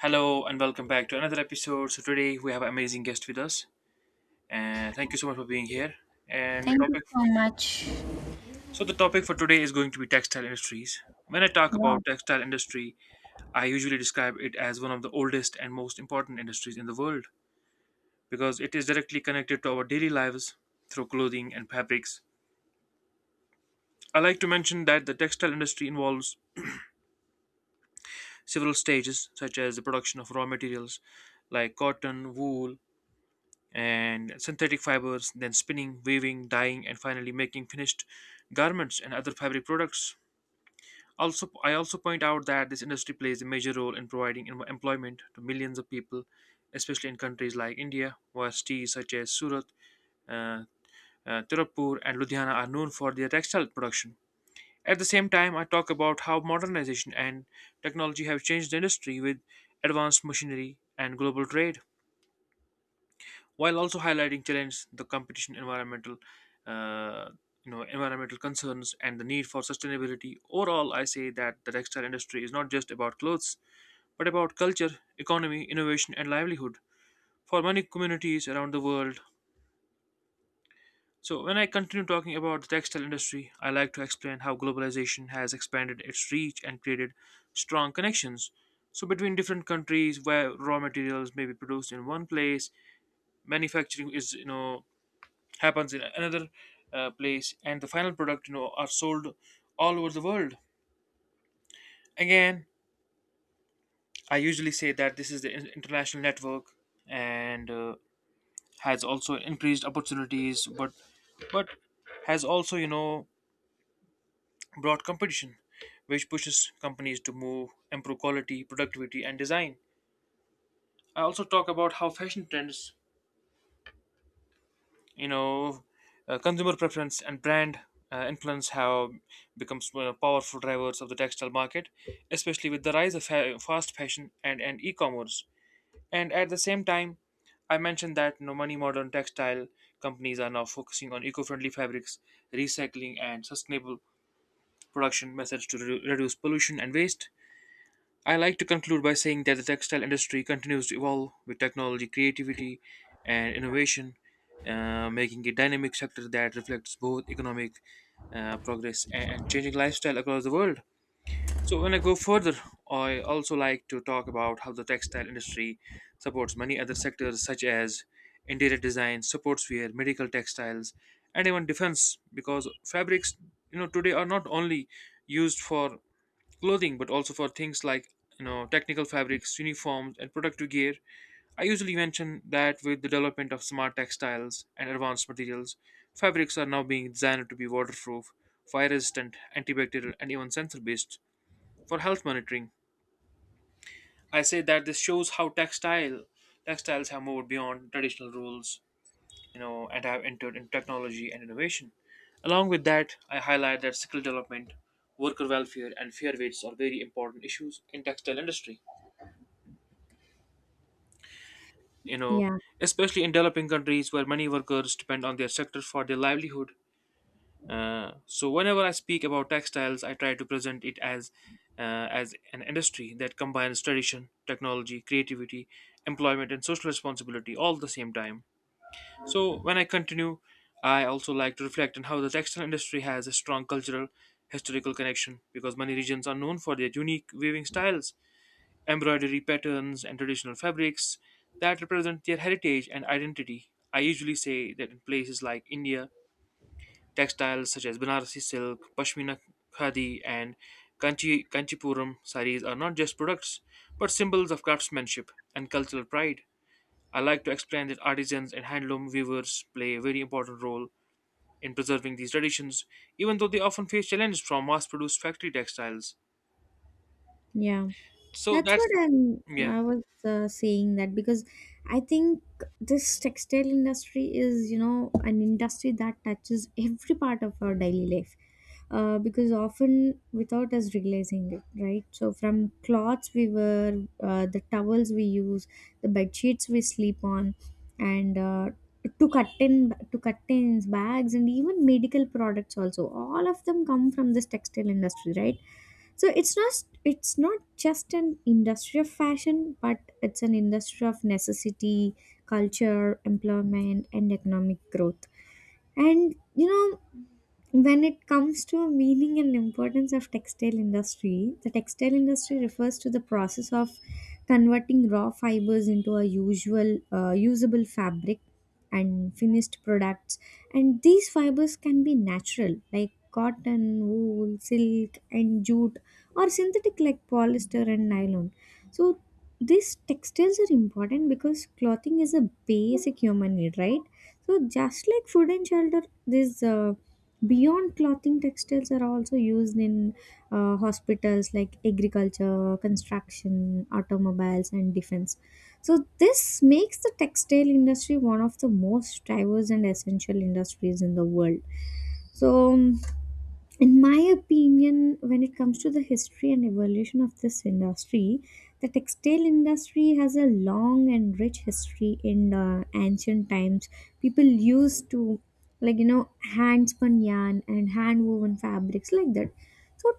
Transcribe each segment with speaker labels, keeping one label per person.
Speaker 1: Hello and welcome back to another episode. So today we have an amazing guest with us, and thank you so much for being here. And the
Speaker 2: Thank you
Speaker 1: topic,
Speaker 2: so much.
Speaker 1: so the topic for today is going to be textile industries. When I talk
Speaker 2: Yeah.
Speaker 1: about textile industry, I usually describe it as one of the oldest and most important industries in the world because it is directly connected to our daily lives through clothing and fabrics. I like to mention that the textile industry involves several stages such as the production of raw materials like cotton, wool, and synthetic fibers, then spinning, weaving, dyeing, and finally making finished garments and other fabric products. Also, I also point out that this industry plays a major role in providing employment to millions of people, especially in countries like India, where cities such as Surat, uh, Tirupur, and Ludhiana are known for their textile production. At the same time, I talk about how modernization and technology have changed the industry with advanced machinery and global trade, while also highlighting challenges, the competition, environmental uh, environmental concerns and the need for sustainability. Overall, I say that the textile industry is not just about clothes, but about culture, economy, innovation, and livelihood for many communities around the world. So when I continue talking about the textile industry, I like to explain how globalization has expanded its reach and created strong connections, so between different countries, where raw materials may be produced in one place, manufacturing is you know happens in another place, and the final product, you know, are sold all over the world. Again, I usually say that this is the international network, and has also increased opportunities, but has also, you know, brought competition, which pushes companies to move improve quality, productivity, and design. I also talk about how fashion trends, you know, consumer preference and brand influence have become powerful drivers of the textile market, especially with the rise of fast fashion and, e-commerce. And at the same time, I mentioned that, you know, many modern textile companies are now focusing on eco-friendly fabrics, recycling, and sustainable production methods to reduce pollution and waste. I like to conclude by saying that the textile industry continues to evolve with technology, creativity, and innovation, making it a dynamic sector that reflects both economic progress and, changing lifestyle across the world. So when I go further, I also like to talk about how the textile industry supports many other sectors such as interior design, sportswear, medical textiles, and even defense, because fabrics, you know, today are not only used for clothing, but also for things like, you know, technical fabrics, uniforms, and protective gear. I usually mention that with the development of smart textiles and advanced materials, fabrics are now being designed to be waterproof, fire resistant, antibacterial, and even sensor based for health monitoring. I say that this shows how textiles have moved beyond traditional rules, you know, and have entered in technology and innovation. Along with that, I highlight that skill development, worker welfare, and fair wages are very important issues in textile industry, you know,
Speaker 2: Yeah,
Speaker 1: especially in developing countries where many workers depend on their sector for their livelihood. So whenever I speak about textiles, I try to present it as as an industry that combines tradition, technology, creativity, employment, and social responsibility all at the same time. So when I continue, I also like to reflect on how the textile industry has a strong cultural, historical connection, because many regions are known for their unique weaving styles, embroidery patterns, and traditional fabrics that represent their heritage and identity. I usually say that in places like India, textiles such as Banarasi silk, Pashmina, khadi, and Kanchipuram saris are not just products but symbols of craftsmanship and cultural pride. I like to explain that artisans and handloom weavers play a very important role in preserving these traditions, even though they often face challenges from mass produced factory textiles.
Speaker 2: yeah.
Speaker 1: So
Speaker 2: That's what
Speaker 1: that's,
Speaker 2: I'm,
Speaker 1: yeah.
Speaker 2: I was uh, saying that because I think this textile industry is, you know, an industry that touches every part of our daily life. Because often without us realizing it, right? So from cloths we wear, the towels we use, the bed sheets we sleep on, and to curtains, bags, and even medical products also. All of them come from this textile industry, right? So it's not just an industry of fashion, but it's an industry of necessity, culture, employment, and economic growth. And you know, when it comes to meaning and importance of textile industry, the textile industry refers to the process of converting raw fibers into a usual usable fabric and finished products. And these fibers can be natural, like cotton, wool, silk, and jute, or synthetic, like polyester and nylon. So these textiles are important because clothing is a basic human need, right? So just like food and shelter, this beyond clothing textiles are also used in hospitals like agriculture, construction, automobiles, and defense. So this makes the textile industry one of the most diverse and essential industries in the world. So in my opinion, when it comes to the history and evolution of this industry, the textile industry has a long and rich history. In ancient times, people used to, like, you know, hand spun yarn and hand woven fabrics like that. So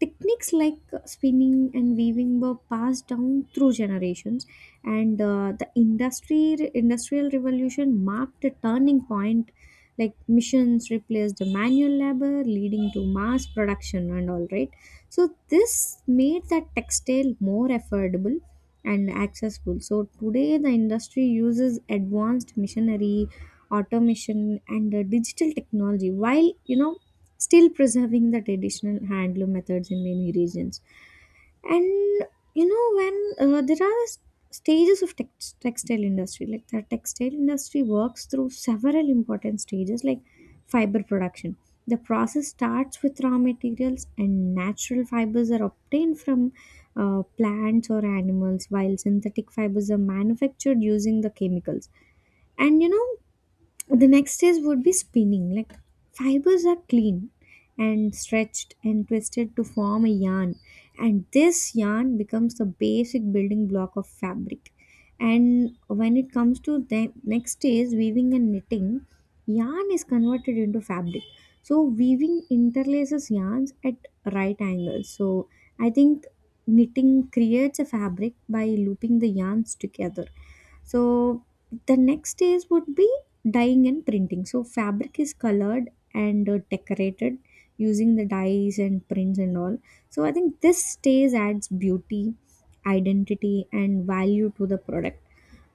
Speaker 2: techniques like spinning and weaving were passed down through generations, and the industry industrial revolution marked a turning point, like machines replaced the manual labor, leading to mass production and all, right? So this made the textile more affordable and accessible. So today the industry uses advanced machinery, automation, and digital technology, while, you know, still preserving the traditional handloom methods in many regions. And you know, when there are stages of textile industry, like the textile industry works through several important stages like fiber production. The process starts with raw materials, and natural fibers are obtained from plants or animals, while synthetic fibers are manufactured using the chemicals. And you know, the next is would be spinning. Like fibers are clean and stretched and twisted to form a yarn, and this yarn becomes the basic building block of fabric. And when it comes to the next is weaving and knitting, yarn is converted into fabric. So weaving interlaces yarns at right angles. So I think knitting creates a fabric by looping the yarns together. So the next stage would be dyeing and printing. So fabric is colored and decorated using the dyes and prints and all. So I think this stage adds beauty, identity, and value to the product.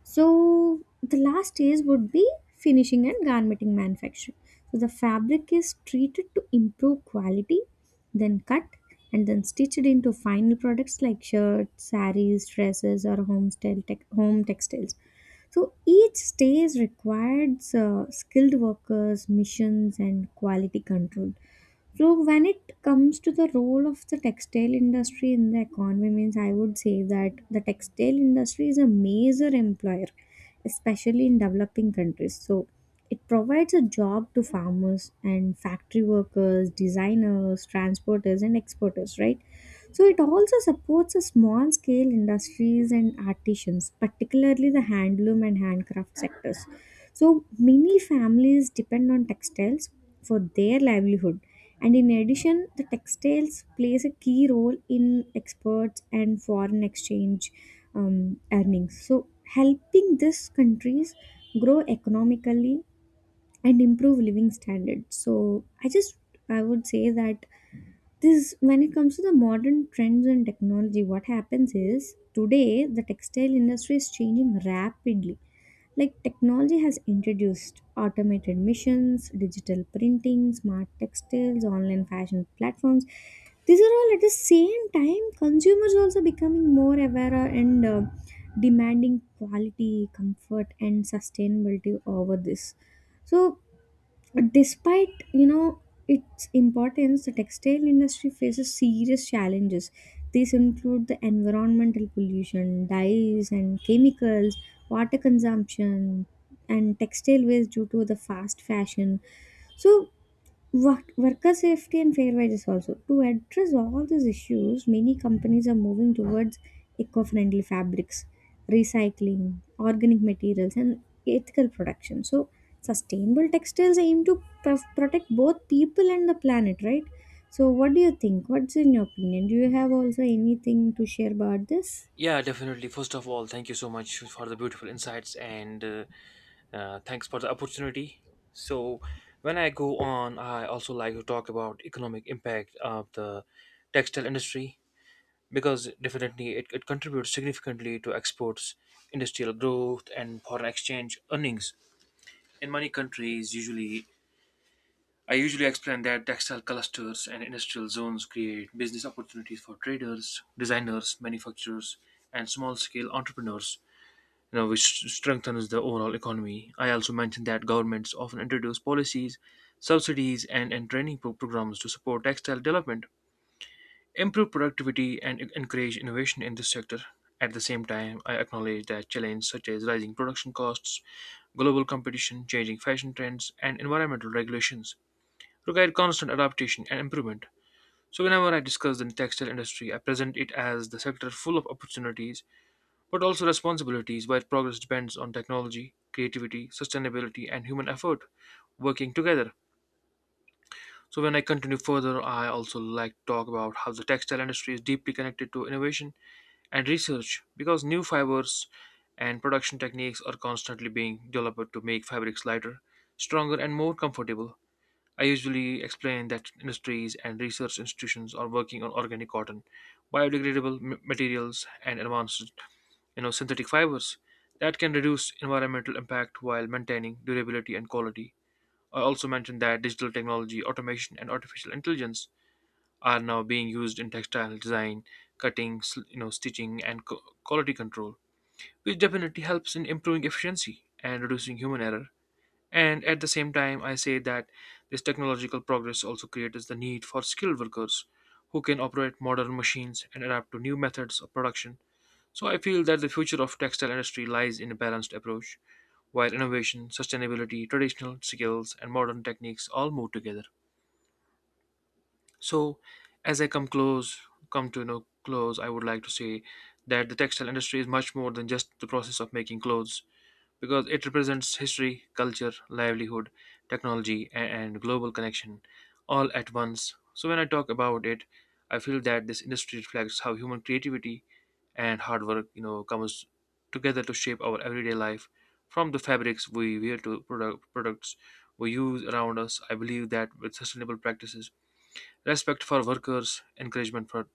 Speaker 2: So the last stage would be finishing and garmenting manufacturing. So the fabric is treated to improve quality, then cut and then stitched into final products like shirts, saris, dresses, or home style tech home textiles. So each stage required skilled workers, missions, and quality control. So when it comes to the role of the textile industry in the economy, means I would say that the textile industry is a major employer, especially in developing countries. So it provides a job to farmers and factory workers, designers, transporters, and exporters, right? So it also supports a small scale industries and artisans, particularly the handloom and handcraft sectors. So many families depend on textiles for their livelihood, and in addition, the textiles plays a key role in exports and foreign exchange earnings. So helping these countries grow economically and improve living standards. So I would say that this, when it comes to the modern trends and technology, what happens is today the textile industry is changing rapidly. Like technology has introduced automated missions, digital printing, smart textiles, online fashion platforms. These are all, at the same time, consumers also becoming more aware and demanding quality, comfort, and sustainability over this. So despite, you know, its importance, the textile industry faces serious challenges. These include the environmental pollution, dyes and chemicals, water consumption, and textile waste due to the fast fashion. So Worker safety and fair wages also. To address all these issues, many companies are moving towards eco friendly fabrics, recycling, organic materials, and ethical production. So sustainable textiles aim to protect both people and the planet, right? So what do you think? What's in your opinion? Do you have also anything to share about this?
Speaker 1: Yeah, definitely. First of all, thank you so much for the beautiful insights and thanks for the opportunity. So, when I go on, I also like to talk about economic impact of the textile industry, because definitely it contributes significantly to exports, industrial growth, and foreign exchange earnings. In many countries, usually I usually explain that textile clusters and industrial zones create business opportunities for traders, designers, manufacturers, and small scale entrepreneurs, you know, which strengthens the overall economy. I also mentioned that governments often introduce policies, subsidies, and, training programs to support textile development, improve productivity, and encourage innovation in this sector. At the same time, I acknowledge that challenges such as rising production costs, global competition, changing fashion trends, and environmental regulations require constant adaptation and improvement. So, whenever I discuss the textile industry, I present it as the sector full of opportunities but also responsibilities, where progress depends on technology, creativity, sustainability, and human effort working together. So when I continue further, I also like to talk about how the textile industry is deeply connected to innovation and research, because new fibers and production techniques are constantly being developed to make fabrics lighter, stronger, and more comfortable. I usually explain that industries and research institutions are working on organic cotton, biodegradable materials, and advanced, you know, synthetic fibers that can reduce environmental impact while maintaining durability and quality. I also mentioned that digital technology, automation, and artificial intelligence are now being used in textile design, cutting, you know, stitching, and quality control, which definitely helps in improving efficiency and reducing human error. And at the same time, I say that this technological progress also creates the need for skilled workers who can operate modern machines and adapt to new methods of production. So I feel that the future of textile industry lies in a balanced approach, while innovation, sustainability, traditional skills, and modern techniques all move together. So as I come close, come to no close, I would like to say that the textile industry is much more than just the process of making clothes, because it represents history, culture, livelihood, technology, and global connection all at once. So, when I talk about it, I feel that this industry reflects how human creativity and hard work, you know, comes together to shape our everyday life. From the fabrics we wear to products we use around us, I believe that with sustainable practices, respect for workers, encouragement for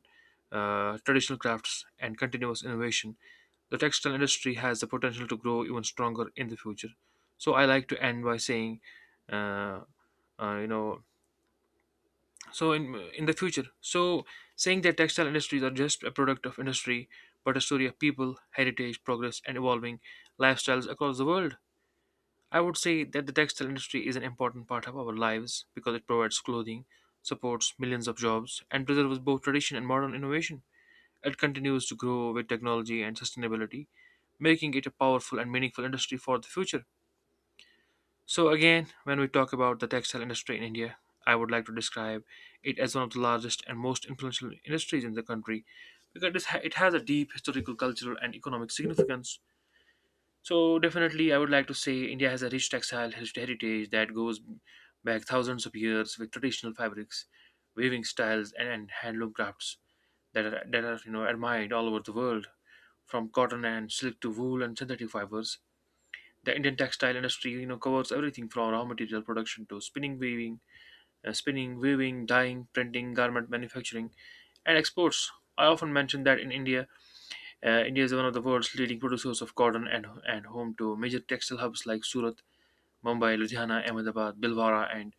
Speaker 1: traditional crafts, and continuous innovation, the textile industry has the potential to grow even stronger in the future. So I like to end by saying, uh, uh, you know, so in the future, so saying that textile industries are just a product of industry, but a story of people, heritage, progress, and evolving lifestyles across the world. I would say that the textile industry is an important part of our lives because it provides clothing, supports millions of jobs, and preserves both tradition and modern innovation. It continues to grow with technology and sustainability, making it a powerful and meaningful industry for the future. So, again, when we talk about the textile industry in India, I would like to describe it as one of the largest and most influential industries in the country, because it has a deep historical, cultural, and economic significance. So, definitely, I would like to say India has a rich textile heritage that goes back thousands of years, with traditional fabrics, weaving styles, and, handloom crafts that are, you know, admired all over the world, from cotton and silk to wool and synthetic fibers. The Indian textile industry, you know, covers everything from raw material production to spinning, weaving, dyeing, printing, garment manufacturing, and exports. I often mention that in India, India is one of the world's leading producers of cotton, and home to major textile hubs like Surat, Mumbai, Ludhiana, Ahmedabad, Bilwara, and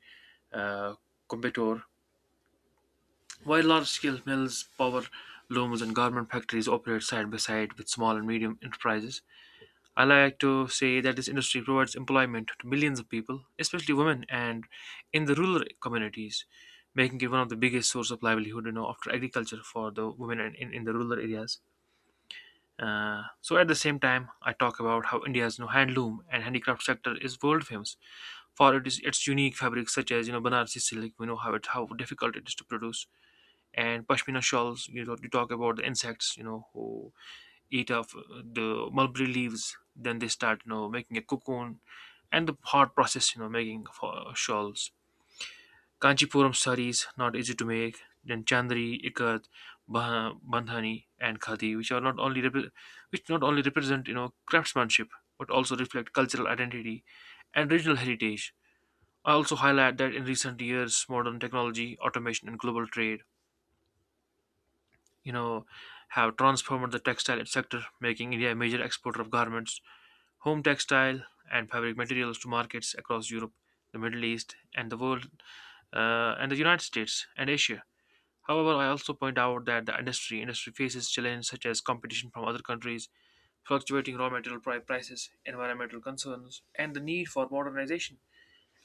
Speaker 1: uh, Coimbatore. While large-scale mills, power looms, and garment factories operate side by side with small and medium enterprises, I like to say that this industry provides employment to millions of people, especially women and in the rural communities, making it one of the biggest source of livelihood, you know, after agriculture for the women in the rural areas. So at the same time, I talk about how India's, you know, handloom and handicraft sector is world famous for it is its unique fabrics such as, you know, Banarsi silk. We know how it how difficult it is to produce, and pashmina shawls. You know, you talk about the insects. You know who eat off the mulberry leaves, then they start making a cocoon and the hard process making for shawls. Kanchipuram saris, not easy to make. Then chandri ikat, bandhani, and khadi, which are not only which not only represent craftsmanship, but also reflect cultural identity and regional heritage. I also highlight that in recent years, modern technology, automation, and global trade, you know have transformed the textile sector, making India a major exporter of garments, home textile, and fabric materials to markets across Europe, the Middle East, and the world, and the United States and Asia. However, I also point out that the industry faces challenges such as competition from other countries, fluctuating raw material prices, environmental concerns, and the need for modernization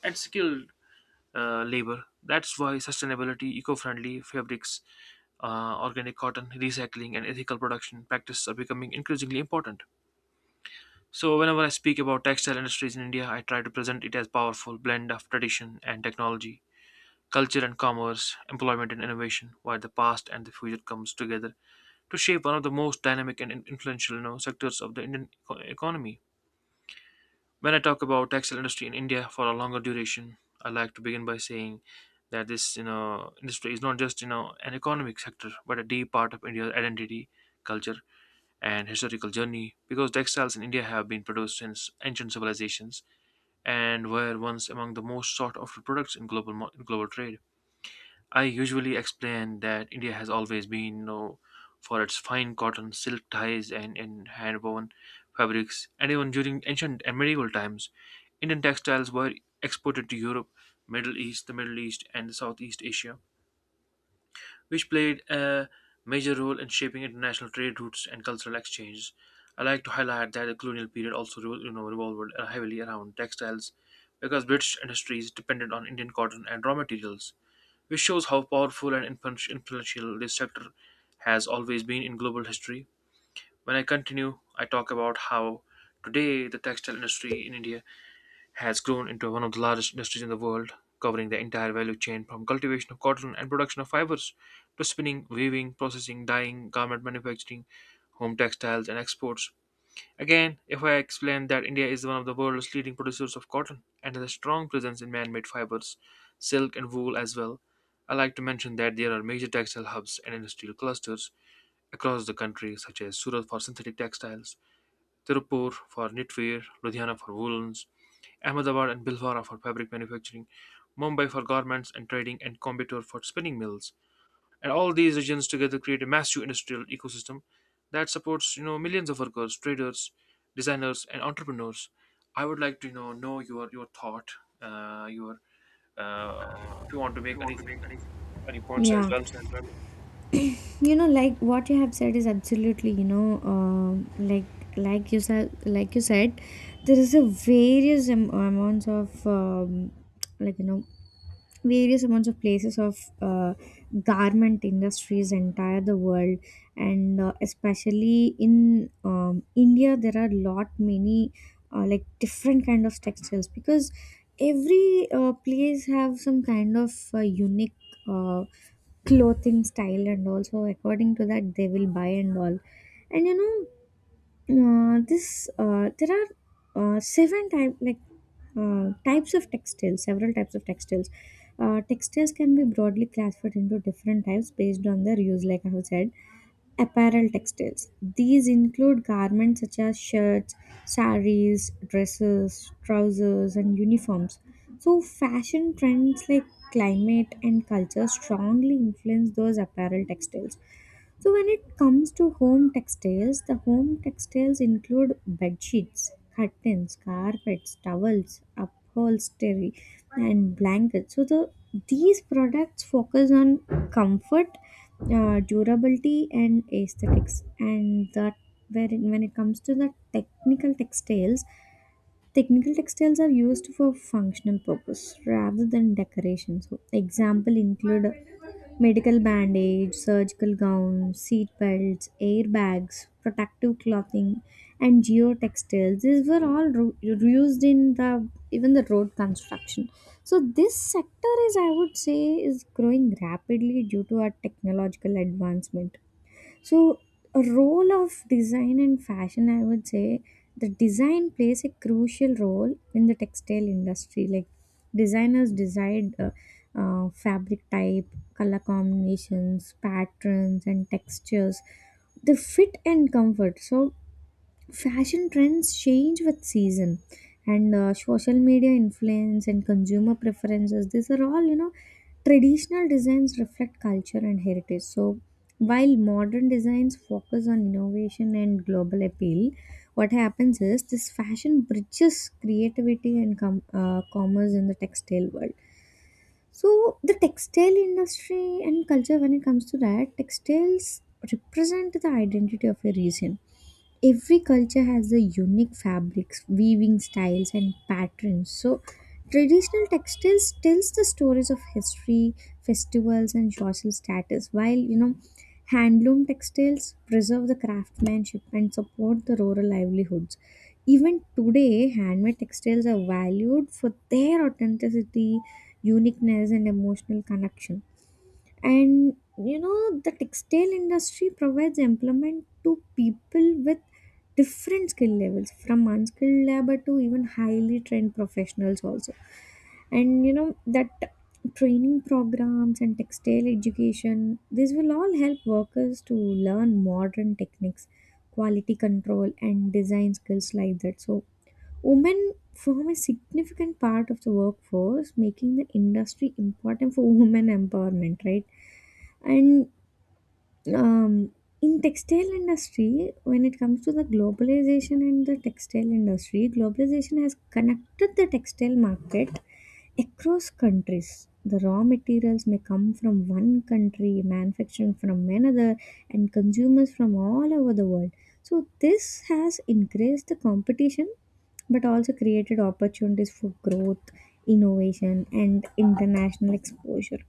Speaker 1: and skilled labor. That's why sustainability, eco-friendly fabrics, organic cotton, recycling, and ethical production practices are becoming increasingly important. So whenever I speak about textile industries in India, I try to present it as powerful blend of tradition and technology, culture and commerce, employment and innovation, where the past and the future comes together to shape one of the most dynamic and influential, sectors of the Indian economy. When I talk about textile industry in India for a longer duration, I like to begin by saying that this industry is not just an economic sector, but a deep part of India's identity, culture, and historical journey, because textiles in India have been produced since ancient civilizations and were once among the most sought after products in global trade. I usually explain that India has always been known for its fine cotton, silk ties, and hand woven fabrics, and even during ancient and medieval times, Indian textiles were exported to Europe, the Middle East, and Southeast Asia, which played a major role in shaping international trade routes and cultural exchanges. I like to highlight that the colonial period also revolved heavily around textiles, because British industries depended on Indian cotton and raw materials, which shows how powerful and influential this sector has always been in global history. When I continue, I talk about how today the textile industry in India has grown into one of the largest industries in the world, covering the entire value chain from cultivation of cotton and production of fibers to spinning, weaving, processing, dyeing, garment manufacturing, home textiles, and exports. Again, if I explain that India is one of the world's leading producers of cotton and has a strong presence in man made fibers, silk, and wool as well, I like to mention that there are major textile hubs and industrial clusters across the country, such as Surat for synthetic textiles, Tirupur for knitwear, Ludhiana for woolens, Ahmedabad and Bhilwara for fabric manufacturing, Mumbai for garments and trading, and Coimbatore for spinning mills. And all these regions together create a massive industrial ecosystem that supports millions of workers, traders, designers, and entrepreneurs. I would like to know your thought, your uh, if you want to make anything, any points as
Speaker 2: Yeah.
Speaker 1: well.
Speaker 2: You know, like, what you have said is absolutely, you know, like, like you said, there is a various am- amounts of like you know various amounts of places of garment industries entire the world. And especially in india, there are lot many like different kind of textiles, because every place have some kind of unique uh, clothing style, and also according to that they will buy and all. And you know, this there are seven type like types of textiles, several types of textiles. Textiles can be broadly classified into different types based on their use. Like I have said, apparel textiles, these include garments such as shirts, saris, dresses, trousers, and uniforms. So fashion trends, like climate and culture, strongly influence those apparel textiles. So when it comes to home textiles, the home textiles include bed sheets, curtains, carpets, towels, upholstery, and blankets. So the these products focus on comfort, durability, and aesthetics. And that where when it comes to the technical textiles, technical textiles are used for functional purpose rather than decoration. So example include medical bandage, surgical gowns, seat belts, airbags, protective clothing, and geotextiles. These were all used in the even the road construction. So this sector is, I would say, is growing rapidly due to our technological advancement. So a role of design and fashion, I would say the design plays a crucial role in the textile industry. Like designers decide fabric type, color combinations, patterns, and textures, the fit and comfort. So fashion trends change with season, and social media influence and consumer preferences, these are all, you know, traditional designs reflect culture and heritage. So while modern designs focus on innovation and global appeal, what happens is this fashion bridges creativity and commerce in the textile world. So the textile industry and culture, when it comes to that, textiles represent the identity of a region. Every culture has a unique fabrics, weaving styles, and patterns. So traditional textiles tells the stories of history, festivals, and social status, while, you know, handloom textiles preserve the craftsmanship and support the rural livelihoods. Even today, handmade textiles are valued for their authenticity, uniqueness, and emotional connection. And you know, the textile industry provides employment to people with different skill levels, from unskilled labor to even highly trained professionals also. And you know that training programs and textile education, this will all help workers to learn modern techniques, quality control, and design skills like that. So women form a significant part of the workforce, making the industry important for women empowerment, right? And um, in textile industry, when it comes to the globalization and the textile industry, globalization has connected the textile market across countries. The raw materials may come from one country, manufacturing from another, and consumers from all over the world. So this has increased the competition, but also created opportunities for growth, innovation, and international exposure.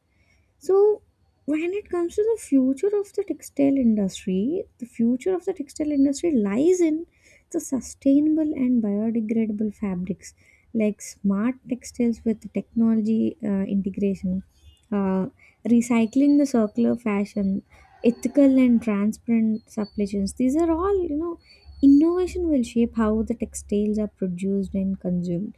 Speaker 2: So when it comes to the future of the textile industry, the future of the textile industry lies in the sustainable and biodegradable fabrics, like smart textiles with technology integration, uh, recycling the circular fashion, ethical and transparent supply chains. These are all, you know, innovation will shape how the textiles are produced and consumed.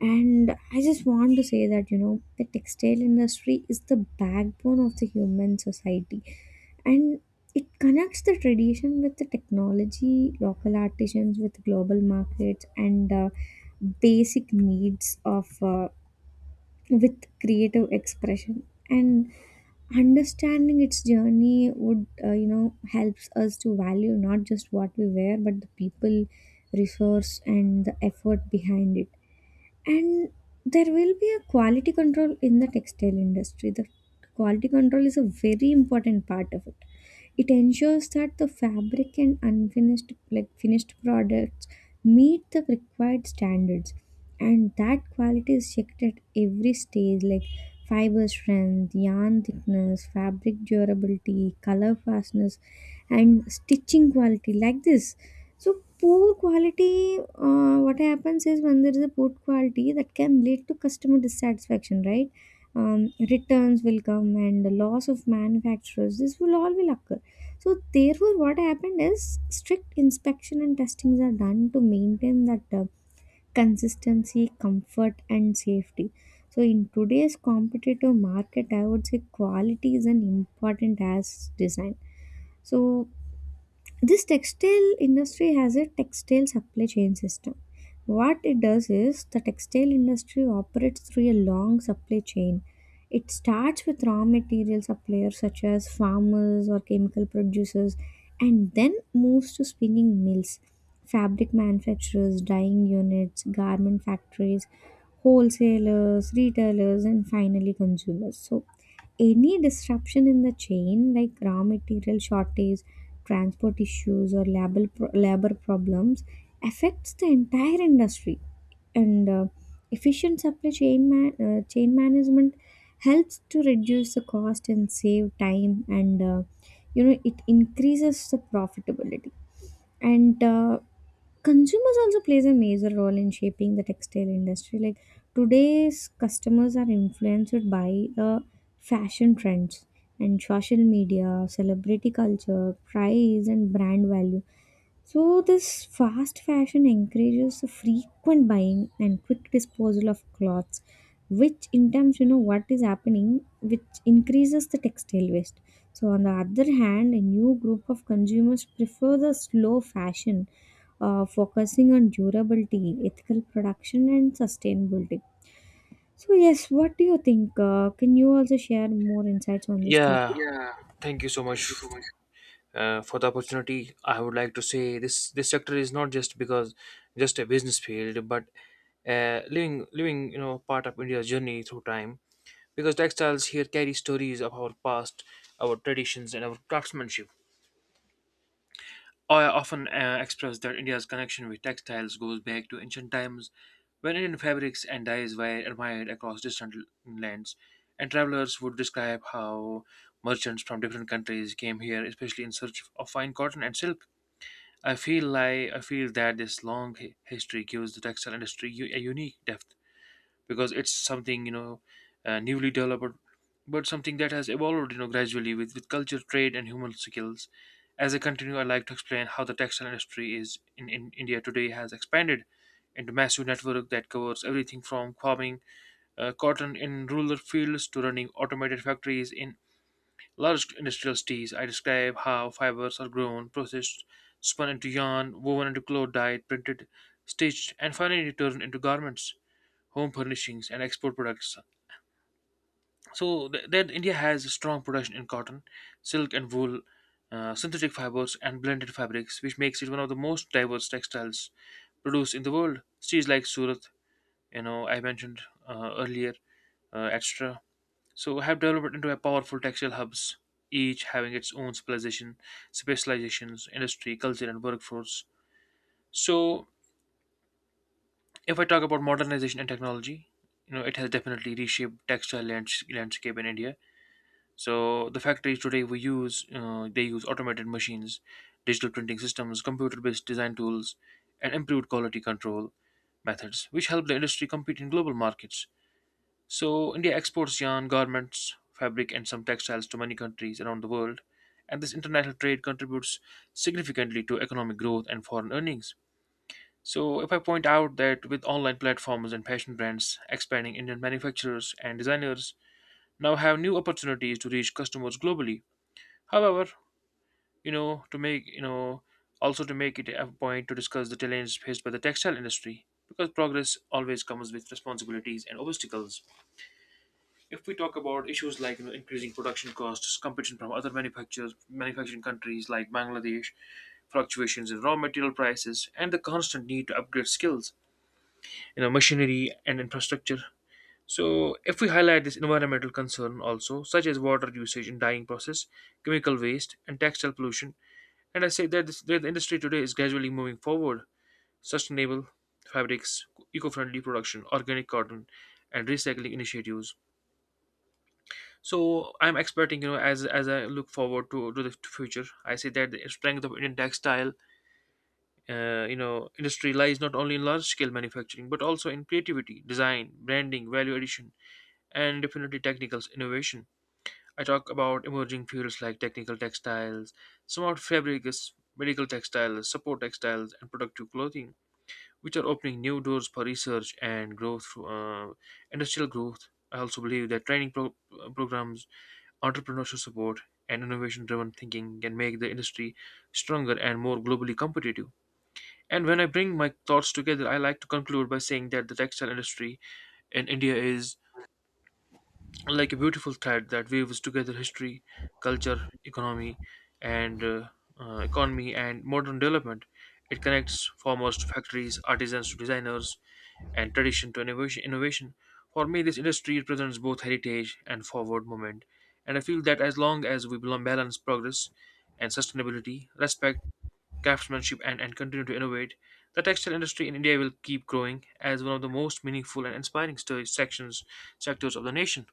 Speaker 2: And I just want to say that, you know, the textile industry is the backbone of the human society. And it connects the tradition with the technology, local artisans with global markets, and basic needs of with creative expression. And understanding its journey would, you know, helps us to value not just what we wear, but the people, resource, and the effort behind it. And there will be a quality control in the textile industry. The quality control is a very important part of it. It ensures that the fabric and unfinished like finished products meet the required standards, and that quality is checked at every stage, like fiber strength, yarn thickness, fabric durability, color fastness, and stitching quality like this. So poor quality, what happens is when there is a poor quality that can lead to customer dissatisfaction, right? Returns will come and the loss of manufacturers. This will all will occur. So therefore, what happened is strict inspection and testings are done to maintain that consistency, comfort, and safety. So in today's competitive market, I would say quality is an important as design. So this textile industry has a textile supply chain system. What it does is the textile industry operates through a long supply chain. It starts with raw material suppliers, such as farmers or chemical producers, and then moves to spinning mills, fabric manufacturers, dyeing units, garment factories, wholesalers, retailers, and finally consumers. So any disruption in the chain, like raw material shortage, transport issues, or labor problems, affects the entire industry. And efficient supply chain management helps to reduce the cost and save time, and you know, it increases the profitability. And consumers also plays a major role in shaping the textile industry. Like today's customers are influenced by fashion trends and social media, celebrity culture, price, and brand value. So this fast fashion encourages the frequent buying and quick disposal of clothes, which in terms, you know, what is happening, which increases the textile waste. So on the other hand, a new group of consumers prefer the slow fashion, focusing on durability, ethical production, and sustainability. So yes, what do you think? Can you also share more insights on this topic?
Speaker 1: Yeah, thank you so much for the opportunity. I would like to say this, sector is not just because just a business field, but living part of India's journey through time, because textiles here carry stories of our past, our traditions, and our craftsmanship. I often express that India's connection with textiles goes back to ancient times, when Indian fabrics and dyes were admired across distant lands, and travelers would describe how merchants from different countries came here, especially in search of fine cotton and silk. I feel that this long history gives the textile industry a unique depth, because it's something you know newly developed, but something that has evolved gradually with culture, trade, and human skills. As I continue, I'd like to explain how the textile industry is in India today has expanded into massive network that covers everything from farming cotton in rural fields to running automated factories in large industrial teas. I describe how fibers are grown, processed, spun into yarn, woven into cloth, dyed, printed, stitched, and finally turned into garments, home furnishings, and export products. So then India has a strong production in cotton, silk, and wool, synthetic fibers, and blended fabrics, which makes it one of the most diverse textiles produced in the world. Cities like Surat, I mentioned earlier, etc., so have developed into a powerful textile hubs, each having its own specializations, industry, culture, and workforce. So, if I talk about modernization and technology, it has definitely reshaped textile landscape in India. So, the factories today they use automated machines, digital printing systems, computer-based design tools, and improved quality control methods, which help the industry compete in global markets. So, India exports yarn, garments, fabric, and some textiles to many countries around the world, and this international trade contributes significantly to economic growth and foreign earnings. So, if I point out that with online platforms and fashion brands expanding, Indian manufacturers and designers now have new opportunities to reach customers globally. However, to make you know, also to make it a point to discuss the challenges faced by the textile industry, because progress always comes with responsibilities and obstacles. If we talk about issues like, increasing production costs, competition from other manufacturing countries like Bangladesh, fluctuations in raw material prices, and the constant need to upgrade skills, machinery, and infrastructure. So, if we highlight this environmental concern also, such as water usage in dyeing process, chemical waste, and textile pollution, and I say that, that the industry today is gradually moving forward, sustainable fabrics, eco-friendly production, organic cotton, and recycling initiatives. So I'm expecting, as I look forward to the future, I say that the strength of Indian textile, industry lies not only in large scale manufacturing, but also in creativity, design, branding, value addition, and definitely technical innovation. I talk about emerging fields like technical textiles, smart fabrics, medical textiles, support textiles, and productive clothing, which are opening new doors for research and growth, industrial growth. I also believe that training programs, entrepreneurship support, and innovation-driven thinking can make the industry stronger and more globally competitive. And when I bring my thoughts together, I like to conclude by saying that the textile industry in India is like a beautiful thread that weaves together history, culture, and economy and modern development. It connects farmers to factories, artisans to designers, and tradition to innovation. Innovation. For me, this industry represents both heritage and forward movement, and I feel that as long as we balance progress and sustainability, respect craftsmanship, and continue to innovate, the textile industry in India will keep growing as one of the most meaningful and inspiring sto- sections sectors of the nation.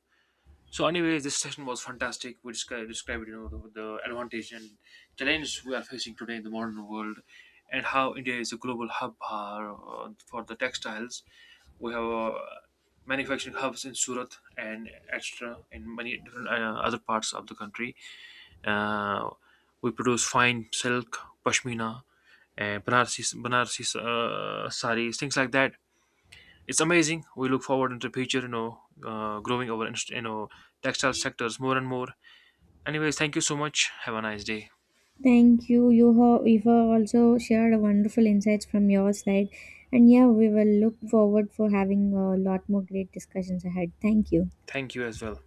Speaker 1: So anyway, this session was fantastic. We described, the advantage and challenges we are facing today in the modern world, and how India is a global hub for the textiles. We have manufacturing hubs in Surat and extra in many different other parts of the country. Uh, we produce fine silk, pashmina, and Banarsi saris, things like that. It's amazing. We look forward into the future, growing our, textile sectors more and more. Anyways, thank you so much. Have a nice day.
Speaker 2: Thank you. You have also shared wonderful insights from your side, and yeah, we will look forward for having a lot more great discussions ahead. Thank you.
Speaker 1: Thank you as well.